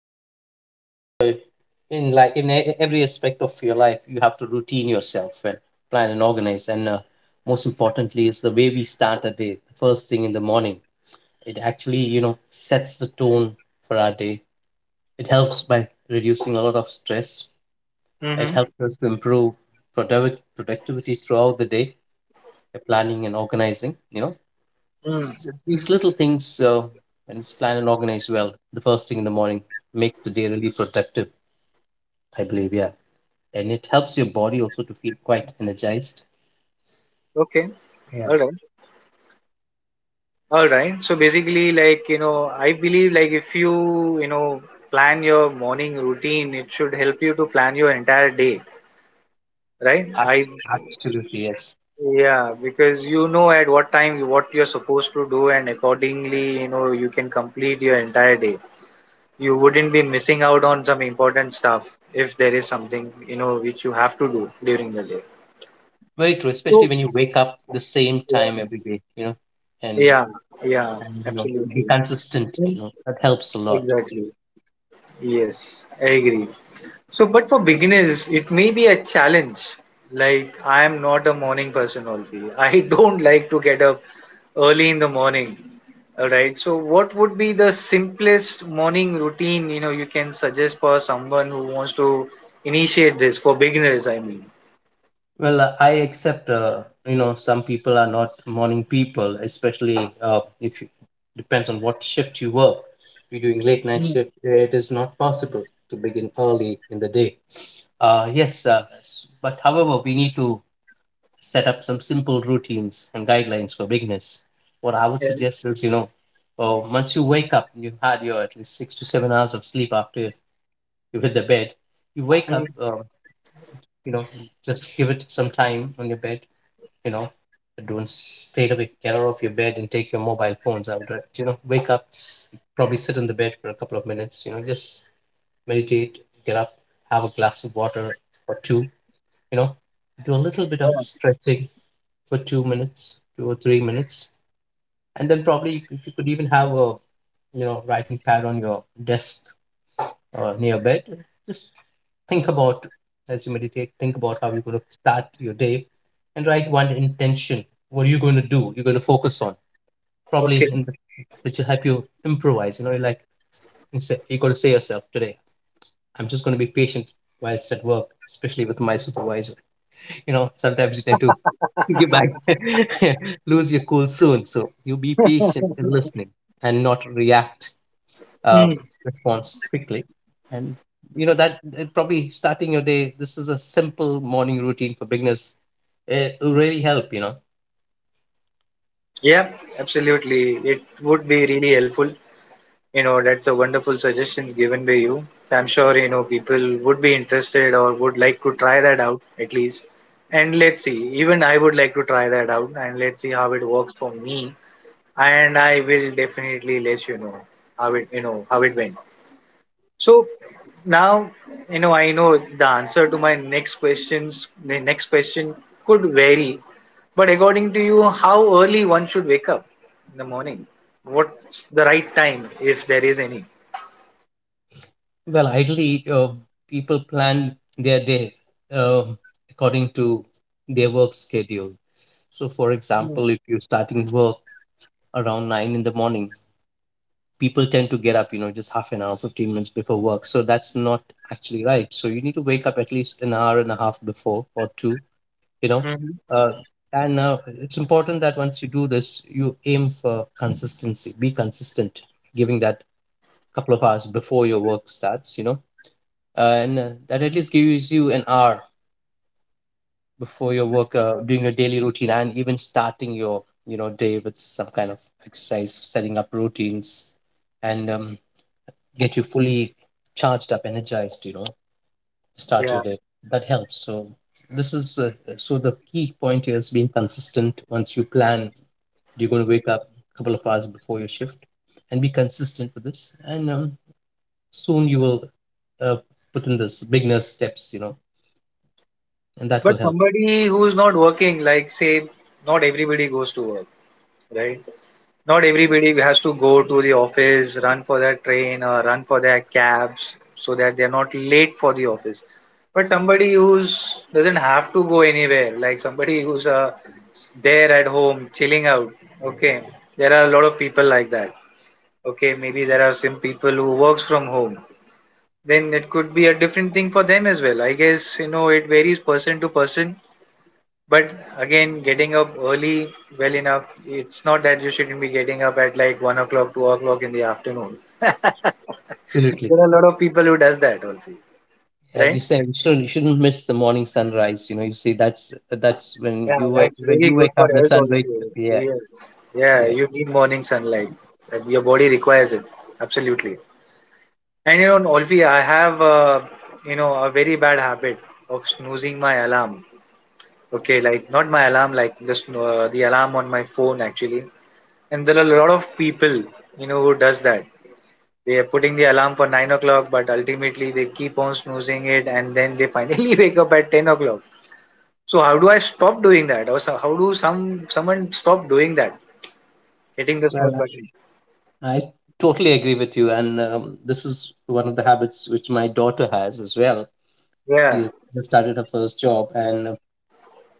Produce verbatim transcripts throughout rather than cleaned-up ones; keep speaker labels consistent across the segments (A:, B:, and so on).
A: Yes, basically, uh, in like in e- every aspect of your life, you have to routine yourself and plan and organize. And uh, most importantly, is the way we start a day. The first thing in the morning, it actually you know sets the tone for our day. It helps by reducing a lot of stress. It
B: Mm-hmm.
A: helps us to improve productiv- productivity throughout the day, the planning and organizing. You know,
B: Mm.
A: these little things, uh, when it's planned and organized well, the first thing in the morning, make the day really productive, I believe. Yeah. And it helps your body also to feel quite energized.
B: Okay.
A: Yeah.
B: All right. All right. So basically, like, you know, I believe like if you, you know, plan your morning routine, it should help you to plan your entire day, right? I,
A: ab- Absolutely. Yes.
B: yeah, because you know at what time you- what you're supposed to do, and accordingly, you know, you can complete your entire day. You wouldn't be missing out on some important stuff if there is something, you know, which you have to do during the day.
A: Very true. Especially
B: So,
A: when you wake up the same time
B: yeah.
A: every day, you know, and,
B: Yeah, yeah,
A: and you know, be
B: absolutely.
A: consistent,
B: Mm,
A: you know, that helps a lot.
B: exactly. Yes, I agree. So, but for beginners, it may be a challenge. Like, I am not a morning person, Olfi. I don't like to get up early in the morning. All right. So, what would be the simplest morning routine, you know, you can suggest for someone who wants to initiate this for beginners, I mean?
A: Well, uh, I accept, uh, you know, some people are not morning people, especially uh, if you, depends on what shift you work. If you're doing late night
B: Mm,
A: shift, it is not possible to begin early in the day. Uh, yes, uh, s- but however, we need to set up some simple routines and guidelines for beginners. What I would
B: yeah.
A: suggest is, you know, uh, once you wake up, and you've had your at least six to seven hours of sleep after you hit the bed, you wake
B: Mm,
A: up, uh, you know, just give it some time on your bed. you know don't straight away get out of your bed and take your mobile phones. I would uh, you know wake up, probably sit on the bed for a couple of minutes, you know just meditate, get up, have a glass of water or two, you know do a little bit of
B: yeah.
A: stretching for two minutes, two or three minutes, and then probably if you could even have a you know writing pad on your desk, uh, near bed. Just think about, as you meditate, think about how you're going to start your day and write one intention. What are you going to do, you're going to focus on, probably
B: Okay.
A: in the, which will help you improvise, you know like, instead, you got to say yourself today, I'm just going to be patient whilst at work, especially with my supervisor. You know sometimes you tend to give back, lose your cool soon, so you be patient and listening and not react,
B: Mm.
A: um, response quickly. And you know that that probably starting your day, this is a simple morning routine for beginners. It will really help you know
B: Yeah, absolutely. It would be really helpful. You know, that's a wonderful suggestions given by you. So I'm sure you know people would be interested or would like to try that out at least. And let's see. Even I would like to try that out and let's see how it works for me. And I will definitely let you know how it you know how it went. So now you know I know the answer to my next questions. The next question could vary, but according to you, how early one should wake up in the morning? What's the right time if there is any?
A: Well, ideally, uh, people plan their day, um according to their work schedule. So, for
B: Mm-hmm.
A: example, if you're starting work around nine in the morning, people tend to get up, you know just half an hour, fifteen minutes before work, so that's not actually right. So you need to wake up at least an hour and a half before, or two you know uh, and uh, It's important that once you do this, you aim for consistency, be consistent, giving that couple of hours before your work starts. You know uh, and uh, That at least gives you an hour before your work, uh, doing your daily routine and even starting your you know day with some kind of exercise, setting up routines, and um, get you fully charged up, energized. You know start
B: Yeah.
A: your day. That helps. So this is uh, so the key point here is being consistent. Once you plan, you're going to wake up a couple of hours before your shift, and be consistent with this. And um, soon you will uh, put in this beginner steps, you know, and that will
B: But
A: help.
B: somebody who's not working, like say, not everybody goes to work, right? Not everybody has to go to the office, run for their train or run for their cabs so that they're not late for the office. But somebody who's doesn't have to go anywhere, like somebody who's uh, s- there at home, chilling out. Okay, there are a lot of people like that. Okay, maybe there are some people who works from home then it could be a different thing for them as well. I guess you know it varies person to person. But again, getting up early well enough, it's not that you shouldn't be getting up at like one o'clock, two o'clock in the afternoon.
A: Absolutely.
B: There are a lot of people who does that also,
A: And you
B: right?
A: said you shouldn't, you shouldn't miss the morning sunrise. You know, you see, that's that's when
B: Yeah,
A: you wake
B: that's
A: when
B: very
A: you
B: good
A: wake
B: for
A: up, the
B: health
A: sun wakes up.
B: also.
A: Yeah,
B: Yes. Yeah,
A: yeah.
B: you need morning sunlight. That Your body requires it. Absolutely. And you know, Olfi, I have uh, you know a very bad habit of snoozing my alarm. Okay, like not my alarm, like just uh, the alarm on my phone actually. And there are a lot of people, you know, who does that. They are putting the alarm for nine o'clock, but ultimately they keep on snoozing it, and then they finally wake up at ten o'clock. So how do I stop doing that, or so how do some someone stop doing that, hitting the snooze
A: Well,
B: button?
A: I totally agree with you, and um, this is one of the habits which my daughter has as well. She
B: Yeah,
A: has just started her first job, and uh,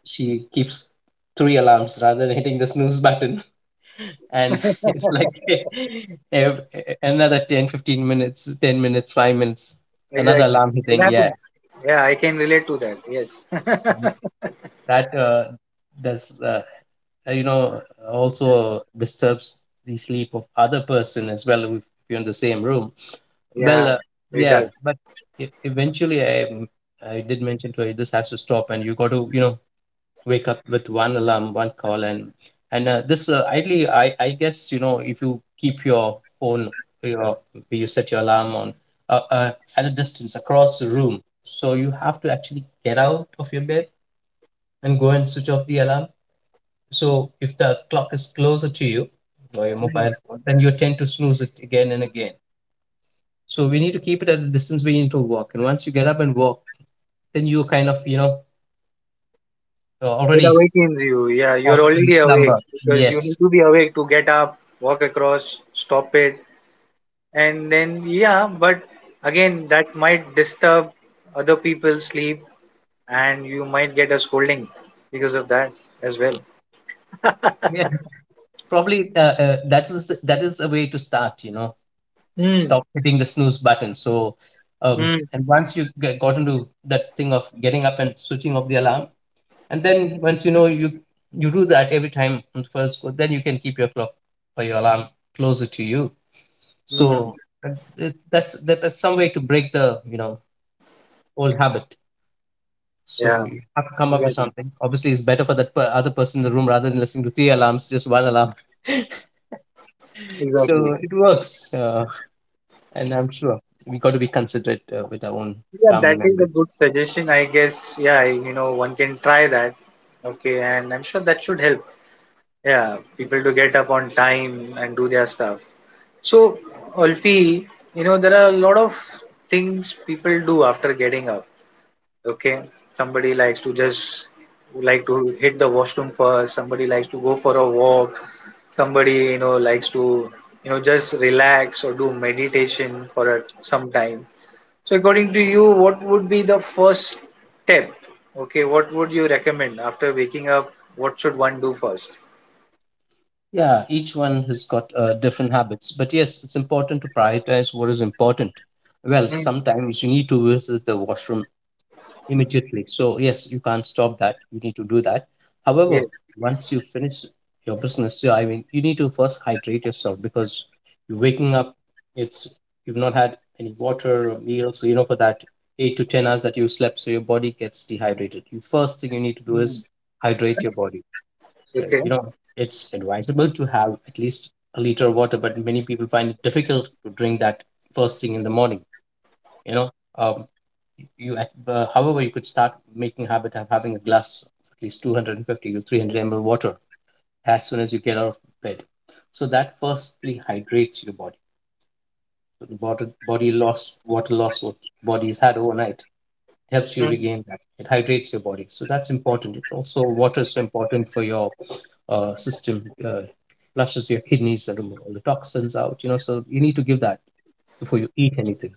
A: she keeps three alarms rather than hitting the snooze button, and it's like ev- e, another ten, fifteen minutes, ten minutes, five minutes, another
B: exactly.
A: alarm
B: It
A: hitting. Yeah,
B: happens. Yeah, I can relate to that. Yes.
A: and that uh, does uh, you know also disturbs the sleep of other person as well if you're in the same room. Well,
B: Yeah,
A: uh,
B: it
A: yeah,
B: does.
A: but e- eventually I mm, I did mention to you this has to stop, and you got to you know wake up with one alarm, one call, and and uh, this, uh, ideally I I guess, you know if you keep your phone, your you set your alarm on, uh, uh, at a distance across the room, so you have to actually get out of your bed and go and switch off the alarm. So if the clock is closer to you or your mobile phone, then you tend to snooze it again and again, so we need to keep it at a distance, we need to walk. And once you get up and walk, then you kind of, you know, you
B: It
A: already
B: awakens you. Yeah, you're
A: off the
B: already awake
A: number.
B: because you need to
A: Yes.
B: be awake to get up, walk across, stop it, and then yeah. But again, that might disturb other people's sleep, and you might get a scolding because of that as well.
A: Yeah. Probably uh, uh, that was the, that is a way to start, you know,
B: Hmm.
A: stop hitting the snooze button. So, um,
B: Hmm.
A: and once you get, got into that thing of getting up and switching off the alarm, and then once you know, you you do that every time on the first go, then you can keep your clock or your alarm closer to you.
B: Hmm.
A: So uh, it's, that's that, that's some way to break the you know old habit. So
B: Yeah.
A: you have to come up with
B: Exactly.
A: something. Obviously, it's better for that per- other person in the room rather than listening to three alarms, just one alarm.
B: Exactly.
A: So it works, uh, and I'm sure we got to be considerate uh, with our own
B: Yeah,
A: family
B: that is a
A: members.
B: good suggestion. I guess. Yeah, you know, one can try that. Okay, and I'm sure that should help. Yeah, people to get up on time and do their stuff. So, Ulfi, you know, there are a lot of things people do after getting up. Okay, somebody likes to just like to hit the washroom first, somebody likes to go for a walk, somebody, you know, likes to, you know, just relax or do meditation for a, some time. So, according to you, what would be the first step? Okay, what would you recommend after waking up? What should one do first?
A: Yeah, each one has got uh, different habits, but yes, it's important to prioritize what is important. Well,
B: Hmm.
A: sometimes you need to visit the washroom immediately. So, yes, you can't stop that. You need to do that. However, once you finish your business, yeah, I mean, you need to first hydrate yourself because you're waking up, it's you've not had any water or meal. So, you know, for that eight to 10 hours that you slept, so your body gets dehydrated. You first thing you need to do
B: Mm,
A: is hydrate your body. So,
B: okay.
A: you know, it's advisable to have at least a liter of water, but many people find it difficult to drink that first thing in the morning. you know um, you at- uh, However, you could start making habit of having a glass of at least two hundred fifty to three hundred m l water as soon as you get out of bed, so that firstly hydrates your body. So the body, body loss, water loss what body's had overnight, it helps you
B: Mm,
A: regain that, it hydrates your body, so that's important. It also, water is so important for your uh, system, uh, flushes your kidneys and remove all the toxins out, you know so you need to give that before you eat anything.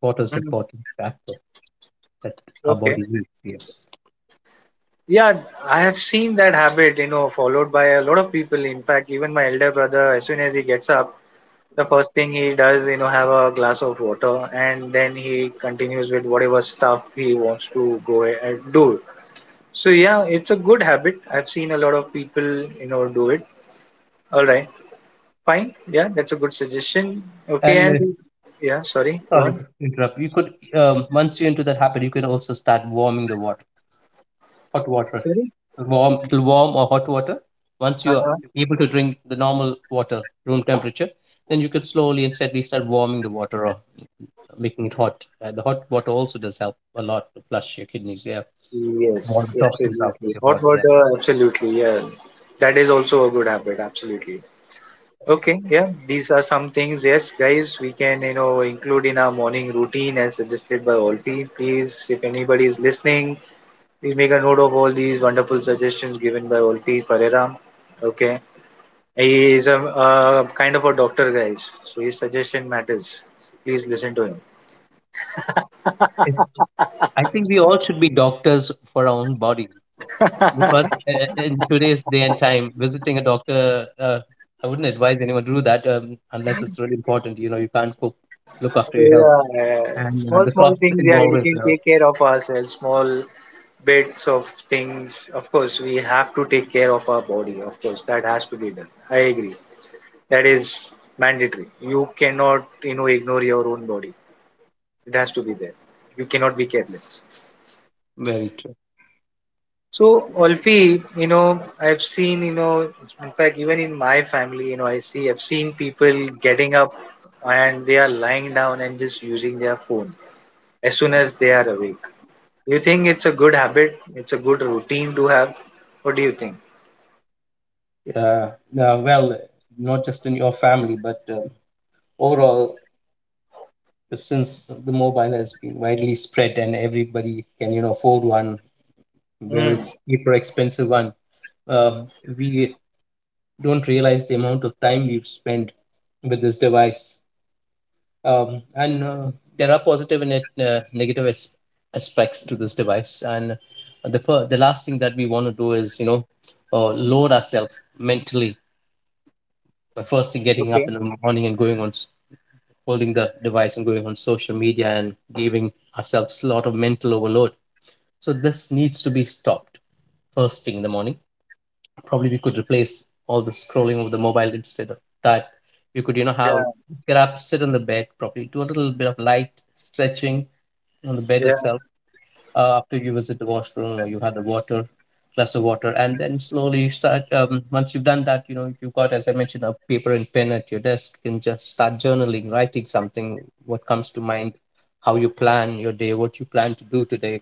A: Water is
B: mm,
A: important factor that our
B: okay.
A: body needs. Yes.
B: Yeah, I have seen that habit, you know, followed by a lot of people. In fact, even my elder brother, as soon as he gets up, the first thing he does, you know, have a glass of water and then he continues with whatever stuff he wants to go a- and do. So, yeah, it's a good habit. I've seen a lot of people, you know, do it. All right. Fine. Yeah, that's a good suggestion. Okay.
A: And
B: And
A: uh,
B: yeah, sorry. Go
A: sorry to
B: on.
A: interrupt. You could, um, once you're into that habit, you can also start warming the water, hot water,
B: Sorry.
A: warm it'll warm or hot water. Once you are able to drink the normal water, room temperature, then you could slowly and steadily start warming the water or making it hot. Uh, the hot water also does help a lot to flush your kidneys. Yeah, more
B: Yes,
A: toxins out of
B: absolutely.
A: your
B: Hot
A: body. Yeah.
B: water, absolutely. Yeah, that is also a good habit. Absolutely. Okay. Yeah, these are some things. Yes, guys, we can you know include in our morning routine as suggested by Olfi. Please, if anybody is listening, please make a note of all these wonderful suggestions given by Olfi Pereira. Okay, he is a, a kind of a doctor, guys, so his suggestion matters. So please listen to him.
A: It- I think we all should be doctors for our own body. Because uh, uh, in today's day and time, visiting a doctor, uh, I wouldn't advise anyone to do that, um, unless it's really important. You know, you can't cook, look after your health,
B: Yeah,
A: and uh,
B: small
A: the
B: small
A: cost
B: things. Yeah,
A: involved
B: we
A: as
B: can
A: well.
B: take care of ourselves. Small bits of things. Of course, we have to take care of our body. Of course, that has to be done. I agree. That is mandatory. You cannot, you know, ignore your own body. It has to be there. You cannot be careless.
A: Very true.
B: So, Alfie, you know, I've seen, you know, in fact, even in my family, you know, I see, I've seen people getting up and they are lying down and just using their phone as soon as they are awake. You think it's a good habit, it's a good routine to have? What do you think?
A: Uh, now, well, not just in your family, but um, overall, since the mobile has been widely spread and everybody can you know afford one, whether
B: Mm,
A: it's cheap or expensive one, uh, we don't realize the amount of time we've spent with this device, um, and uh, there are positive and uh, negative as- aspects to this device. And the fir- the last thing that we want to do is you know uh, load ourselves mentally by first thing getting
B: okay.
A: up in the morning and going on s- holding the device and going on social media and giving ourselves a lot of mental overload. So this needs to be stopped first thing in the morning. Probably we could replace all the scrolling of the mobile. Instead of that, you could you know
B: Yeah,
A: have, get up, sit on the bed, probably do a little bit of light stretching on the bed
B: yeah.
A: itself. Uh, after you visit the washroom, or you had the water, glass of water, and then slowly start. Um, once you've done that, you know, if you've got, as I mentioned, a paper and pen at your desk, you can just start journaling, writing something, what comes to mind, how you plan your day, what you plan to do today.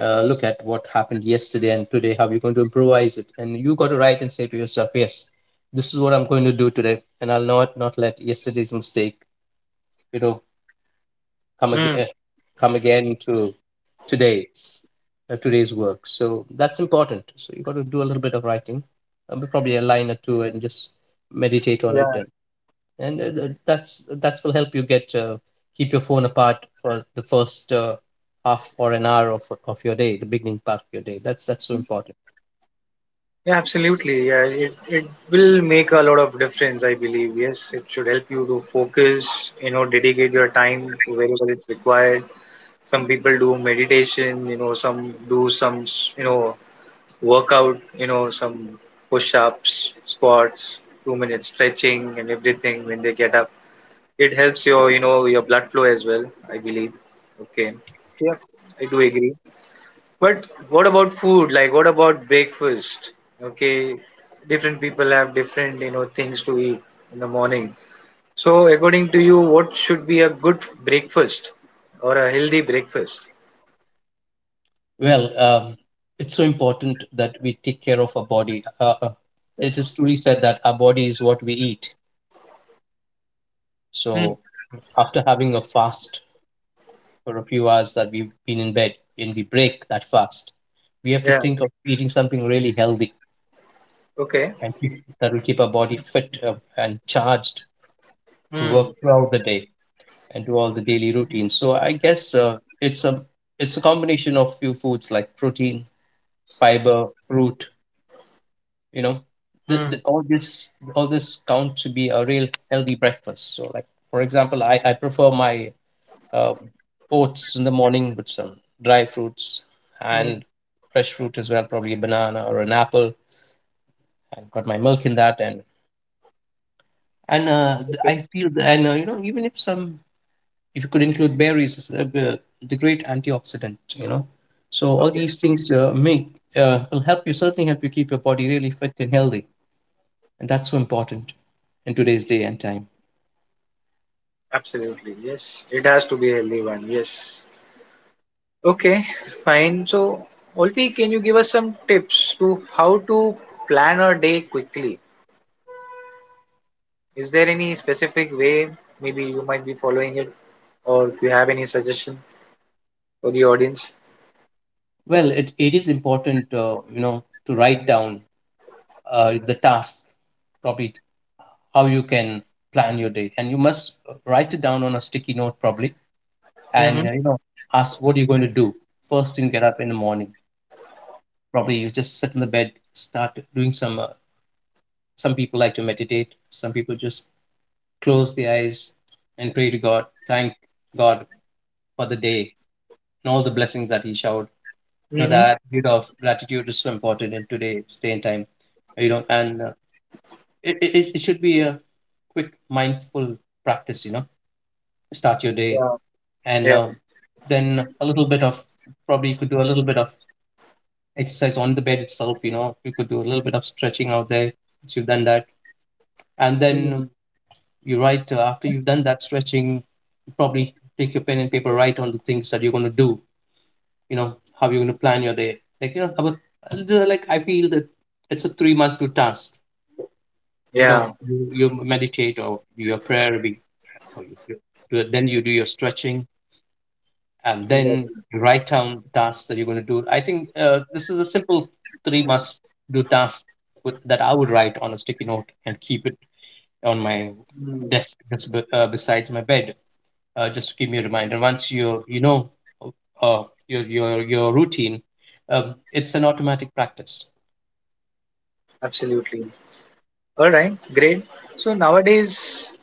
A: uh, Look at what happened yesterday and today, how you're going to improvise it, and you got to write and say to yourself, yes, this is what I'm going to do today, and I'll not not let yesterday's mistake, you know, come
B: Mm,
A: again come again to today's uh, today's work. So that's important. So you got to do a little bit of writing, um, probably a line or two, and just meditate on it.
B: yeah.
A: And and uh, th- that's will help you get, uh, keep your phone apart for the first uh, half or an hour of of your day, the beginning part of your day. That's that's so important.
B: Yeah, absolutely. Yeah, it, it will make a lot of difference, I believe. Yes, it should help you to focus, you know, dedicate your time to wherever it's required. Some people do meditation, you know, some do some, you know, workout, you know, some push ups, squats, two minutes stretching and everything when they get up. It helps your, you know, your blood flow as well, I believe. Okay, yeah. I do agree. But what about food? Like, what about breakfast? Okay, different people have different, you know, things to eat in the morning. So, according to you, what should be a good breakfast or a healthy breakfast?
A: Well, um, it's so important that we take care of our body. Uh, uh, it is truly said that our body is what we eat.
B: Hmm.
A: So after having a fast for a few hours that we've been in bed and we break that fast, we have to
B: Yeah.
A: think of eating something really healthy,
B: Okay.
A: and keep- that will keep our body fit uh, and charged to
B: Hmm.
A: work throughout the day and do all the daily routines. So I guess uh, it's a it's a combination of few foods like protein, fiber, fruit. You know, the,
B: Hmm.
A: the, all this all this count to be a real healthy breakfast. So like for example, I I prefer my uh, oats in the morning with some dry fruits
B: Hmm.
A: and fresh fruit as well, probably a banana or an apple, and got my milk in that. And and uh, th-
B: Okay.
A: I feel th- and uh, you know even if some, if you could include berries, uh, the the great antioxidant, you know, so all
B: Okay.
A: these things uh, make, uh, will help you, certainly help you keep your body really fit and healthy, and that's so important in today's day and time.
B: Absolutely. Yes. It has to be a healthy one. Yes. Okay, fine. So, Olfi, can you give us some tips to how to plan a day quickly? Is there any specific way maybe you might be following it, or if you have any suggestion for the audience?
A: Well, it, it is important, uh, you know, to write down uh, the task, probably how you can plan your day, and you must write it down on a sticky note probably.
B: Mm-hmm.
A: And uh, you know ask what you're going to do first thing, get up in the morning. Probably you just sit in the bed, start doing some. Uh, some people like to meditate, some people just close the eyes and pray to god, thank god for the day and all the blessings that he showered. You know,
B: Mm-hmm.
A: that attitude of gratitude is so important in today's day and time. You know, and uh, it, it, it should be a quick, mindful practice, you know, start your day.
B: Yeah.
A: And
B: Yeah.
A: uh, then a little bit of, probably you could do a little bit of exercise on the bed itself. You know, you could do a little bit of stretching out there. Once you've done that, and
B: Mm.
A: then you write, uh, after you've done that stretching, you probably take your pen and paper, write on the things that you're going to do. You know how you're going to plan your day, like, you know, about, like, I feel that it's a three months to task. You know,
B: Yeah.
A: you, you meditate or do your prayer be- or you, you do, then you do your stretching, and
B: Exactly.
A: then you write down tasks that you're going to do. I think uh, this is a simple three must do task, with, that I would write on a sticky note and keep it on my
B: Mm.
A: desk, just be, uh, besides my bed, uh, just to give me a reminder. Once you you know uh, your your your routine, um, it's an automatic practice.
B: Absolutely. All right. Great. So nowadays,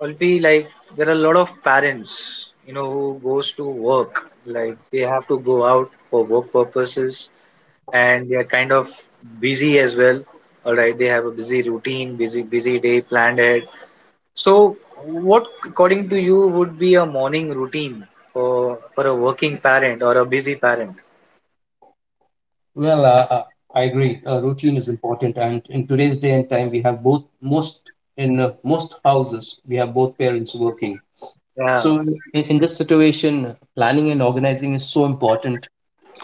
B: Olfi, like there are a lot of parents, you know, who goes to work. Like they have to go out for work purposes and they are kind of busy as well. All right, they have a busy routine, busy busy day planned ahead. So, what according to you would be a morning routine for for a working parent or a busy parent?
A: Well, uh, uh, I agree. Uh, routine is important, and in today's day and time, we have both, most, in uh, most houses, we have both parents working.
B: Yeah.
A: So in, in this situation, planning and organizing is so important.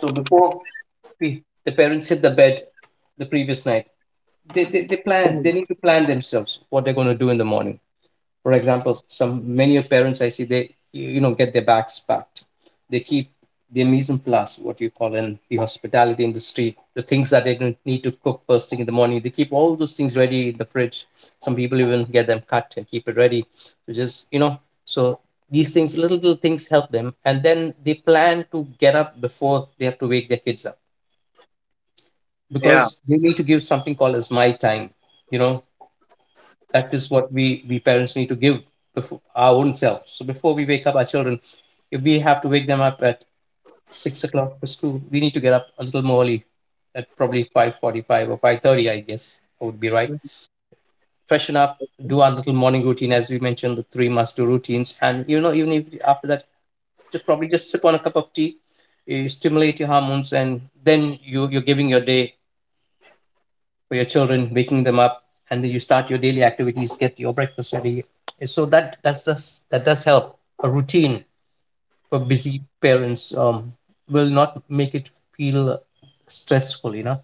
A: So before the, the parents hit the bed the previous night, they, they, they
B: Mm.
A: plan, they need to plan themselves what they're going to do in the morning. For example, some, many of parents I see, they, you know get their backs packed. They keep their mise en place, what you call in the hospitality industry, the things that they don't need to cook first thing in the morning. They keep all those things ready in the fridge. Some people even get them cut and keep it ready. So just, you know, so these things, little little things help them, and then they plan to get up before they have to wake their kids up,
B: Yeah.
A: because they need to give something called as my time. You know, that is what we we parents need to give before our own selves. So before we wake up our children, if we have to wake them up at six o'clock for school, we need to get up a little more early, at probably five forty-five or five thirty, I guess I would be right.
B: Mm.
A: Freshen up, do our little morning routine, as we mentioned, the three must do routines. And you know even if, after that, just probably just sip on a cup of tea, you stimulate your hormones, and then you you're giving your day for your children, waking them up, and then you start your daily activities, get your breakfast ready. So that that's does, that does help. A routine for busy parents, um, will not make it feel stressful. You know,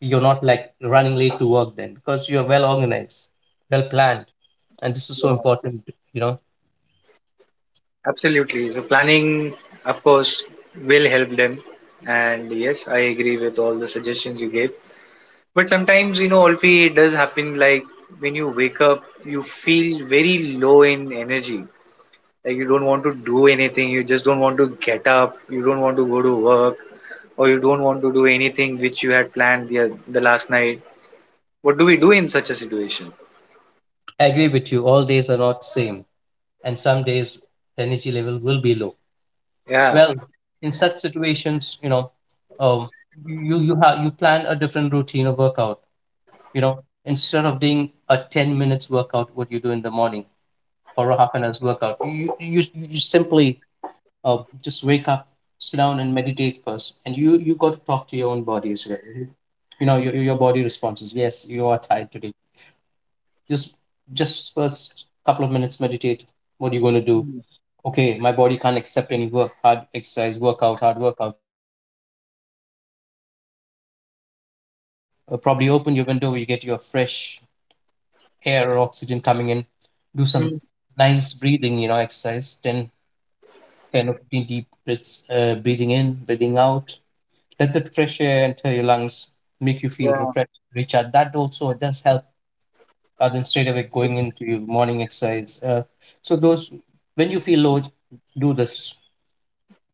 A: you're not like running late to work then, because you're well organized, well planned, and this is so
B: Yeah,
A: important. You know,
B: absolutely. So planning, of course, will help them. And yes, I agree with all the suggestions you gave. But sometimes, you know, Alfie, it does happen like when you wake up, you feel very low in energy. Like you don't want to do anything, you just don't want to get up, you don't want to go to work, or you don't want to do anything which you had planned the, the last night. What do we do in such a situation?
A: I agree with you. All days are not same, and some days the energy level will be low.
B: Yeah.
A: Well, in such situations, you know, um, you, you have, you plan a different routine of workout. You know, instead of doing a ten minutes workout, what you do in the morning, or a half an hour's workout, you you you simply, uh, just wake up, sit down, and meditate first. And you you got to talk to your own body as well. You you know, your your body responses. Yes, you are tired today. Just just first couple of minutes, meditate. What are you going to do?
B: Mm,
A: Okay, my body can't accept any work, hard exercise, workout, hard workout today. So probably just do a little bit of meditation. Just uh, probably open your window, you get your fresh air or oxygen coming in. Do some
B: mm,
A: nice breathing, you know, exercise ten, ten or fifteen deep breaths, uh, breathing in, breathing out. Let that fresh air enter your lungs, make you feel
B: yeah.
A: refreshed, recharged. That also does help, rather than straight away going into your morning exercise. Uh, so those, when you feel low, do this.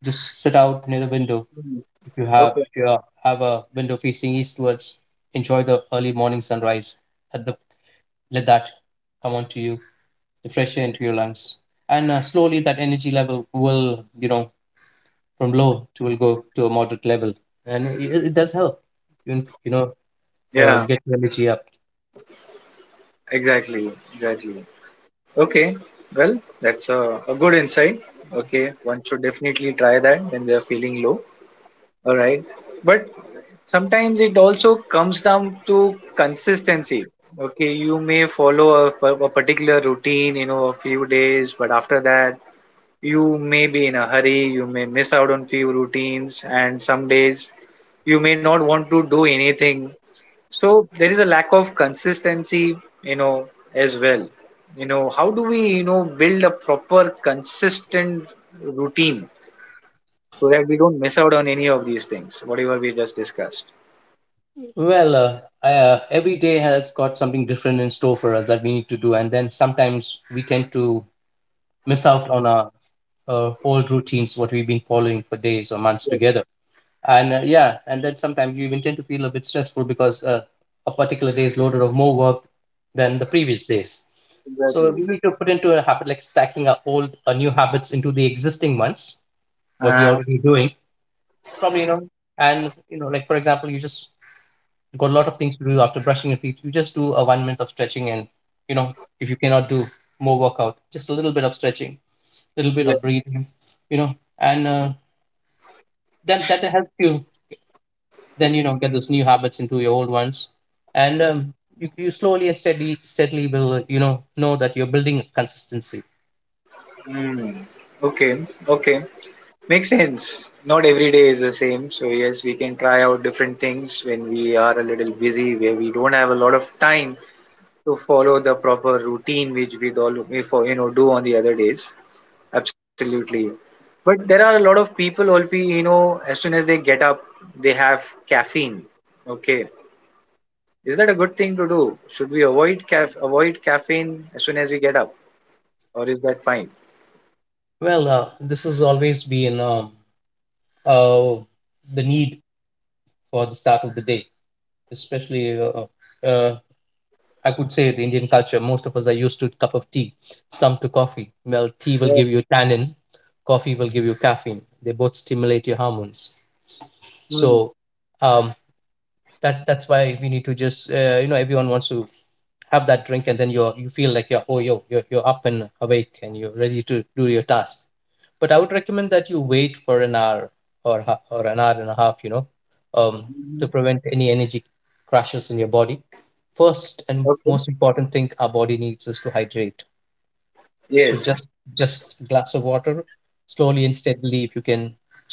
A: Just sit out near the window.
B: Mm,
A: If you have
B: okay.
A: if you have a window facing eastwards, enjoy the early morning sunrise. Let the, let that come onto you, the fresh air into your lungs, and uh, slowly that energy level will, you know from low to, will go to a moderate level, and it, it does help. You you know, uh,
B: Yeah,
A: get your energy up.
B: exactly. Exactly. Okay. Well, that's a, a good insight. Okay. One should definitely try that when they're feeling low. All right. But sometimes it also comes down to consistency. Okay, you may follow a, a particular routine, you know, a few days, but after that, you may be in a hurry, you may miss out on few routines, and some days you may not want to do anything. So there is a lack of consistency, you know, as well. You know, how do we, you know, build a proper consistent routine? So that we don't miss out on any of these things, whatever we just discussed.
A: Well, uh, uh, every day has got something different in store for us that we need to do, and then sometimes we tend to miss out on our uh, old routines what we've been following for days or months
B: Yes,
A: together and uh, yeah and then sometimes you even tend to feel a bit stressful because uh, a particular day is loaded of more work than the previous days, so we
B: exactly.
A: need to put into a habit like stacking our old uh, new habits into the existing ones what we're
B: Uh,
A: already doing. Probably, you know, and you know, like for example, you just got a lot of things to do. After brushing your teeth, you just do a one minute of stretching, and you know, if you cannot do more workout, just a little bit of stretching, little bit
B: yeah.
A: of breathing, you know. And uh, that that helps you then, you know, get those new habits into your old ones. And um, you, you slowly and steady steadily will, uh, you know know that you're building consistency.
B: Mm. Okay. Okay. Makes sense. Not every day is the same. So yes, we can try out different things when we are a little busy, where we don't have a lot of time to follow the proper routine which we'd all we for you know do on the other days. Absolutely. But there are a lot of people also, you know, as soon as they get up, they have caffeine. Okay. Is that a good thing to do? Should we avoid caf avoid caffeine as soon as we get up, or is that fine?
A: Well uh, this has always been, um, uh, the need for the start of the day. Especially, uh, uh, I could say the Indian culture, most of us are used to cup of tea, some to coffee. Well, tea will
B: Yeah.
A: give you tannin, coffee will give you caffeine. They both stimulate your hormones.
B: Mm.
A: So um, that that's why we need to just, uh, you know, everyone wants to have that drink, and then you're, you feel like you're, oh yo, you're, you're up and awake and you're ready to do your task. But I would recommend that you wait for an hour, or ha- or an hour and a half, you know. um to
B: Mhm.
A: prevent any energy crashes in your body, first and
B: Okay.
A: most important thing our body needs is to hydrate. So
B: Yes.
A: just just a glass of water. Slowly and steadily, if you can,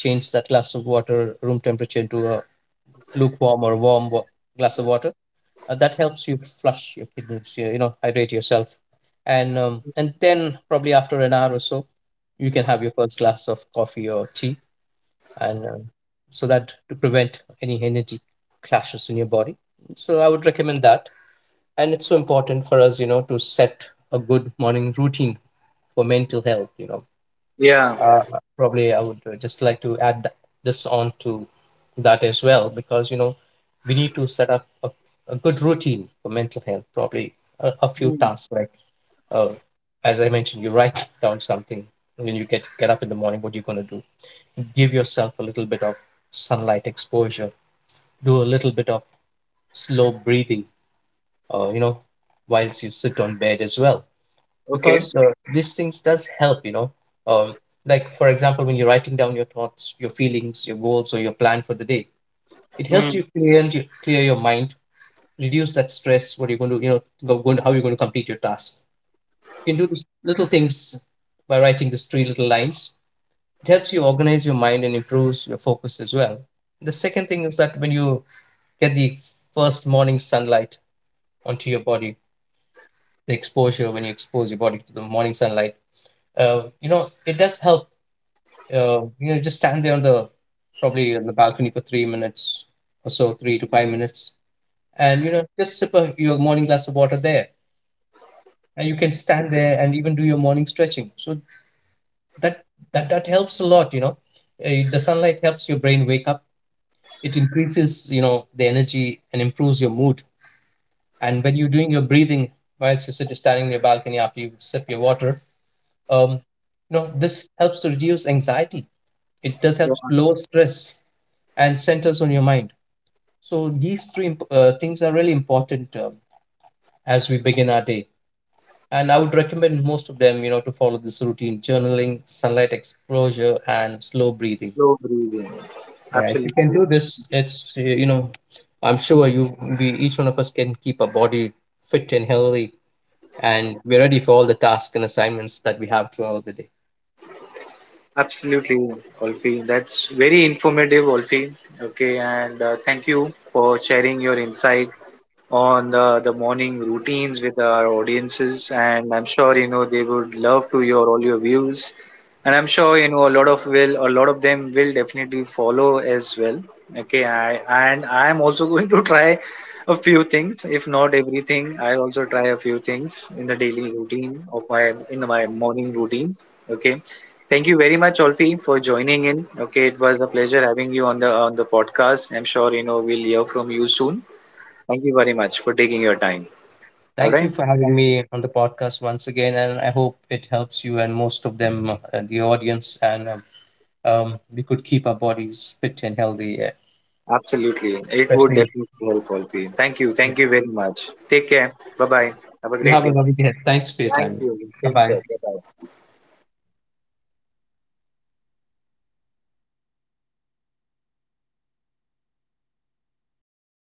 A: change that glass of water room temperature into a lukewarm or warm wa- glass of water. Uh, that helps you flush your kidneys, you you know, hydrate yourself. And um, and then probably after an hour or so, you can have your first glass of coffee or tea. And um, So that to prevent any energy clashes in your body. So I would recommend that. And it's so important for us, you know, to set a good morning routine for mental health, you know.
B: Yeah.
A: uh, Probably I would, uh, just like to add th- this on to that as well, because you know, we need to set up a, a good routine for mental health. Probably a, a few
B: Mm.
A: tasks like, uh, as I mentioned, you write down something, and then you get get up in the morning. What you're going to do? Give yourself a little bit of sunlight exposure. Do a little bit of slow breathing. Uh, you know, whilst you sit on bed as well.
B: Okay.
A: Because uh, these things does help, you know. um, like for example, when you're writing down your thoughts, your feelings, your goals, or your plan for the day, it helps
B: Mm.
A: you clear, and you clear your mind, reduce that stress. What you're going to, you know, go, going, how you're going to complete your task. You can do these little things. By writing these three little lines, it helps you organize your mind and improves your focus as well. The second thing is that when you get the first morning sunlight onto your body, the exposure, when you expose your body to the morning sunlight, uh, you know, it does help. Uh, you know, just stand there on the, probably on the balcony for three minutes or so, three to five minutes, and you know, just sip a, your morning glass of water there, and you can stand there and even do your morning stretching. So that that that helps a lot. You know, uh, the sunlight helps your brain wake up. It increases, you know, the energy and improves your mood. And when you're doing your breathing whilst you're sitting standing on your balcony after you sip your water, um, you know, this helps to reduce anxiety, it does help
B: Yeah,
A: lower stress, and centers on your mind. So these three imp- uh, things are really important, um, as we begin our day. And I would recommend most of them, you know, to follow this routine: journaling, sunlight exposure, and slow breathing.
B: slow breathing.
A: Yeah, if you can
B: Absolutely.
A: do this, it's, uh, you know, I'm sure you we, each one of us, can keep our body fit and healthy, and we're ready for all the tasks and assignments that we have throughout the day.
B: Absolutely, Olfi. That's very informative, Olfi. Okay, and uh, thank you for sharing your insight on uh, the morning routines with our audiences, and I'm sure you know they would love to hear all your views, and I'm sure you know a lot of will a lot of them will definitely follow as well. Okay, i and I'm also going to try a few things, if not everything. I also try a few things in the daily routine of my in my morning routine. Okay, thank you very much, Olfi, for joining in. Okay, it was a pleasure having you on the on the podcast. I'm sure you know we'll hear from you soon. Thank you very much for taking your time. All
A: Thank you
B: right.
A: for
B: Thank
A: having
B: you.
A: me on the podcast once again, and I hope it helps you and most of them, uh, the audience, and um, um, we could keep our bodies fit and healthy. Yeah.
B: Absolutely. It would
A: Especially,
B: definitely help all of you. Thank you.
A: yeah.
B: Thank you very much. Take care. Bye bye. Have a
A: You
B: great
A: have a
B: day.
A: lovely day. Thanks for your
B: Thank
A: time.
B: you.
A: Bye
B: Take care.
A: bye.
B: Bye bye.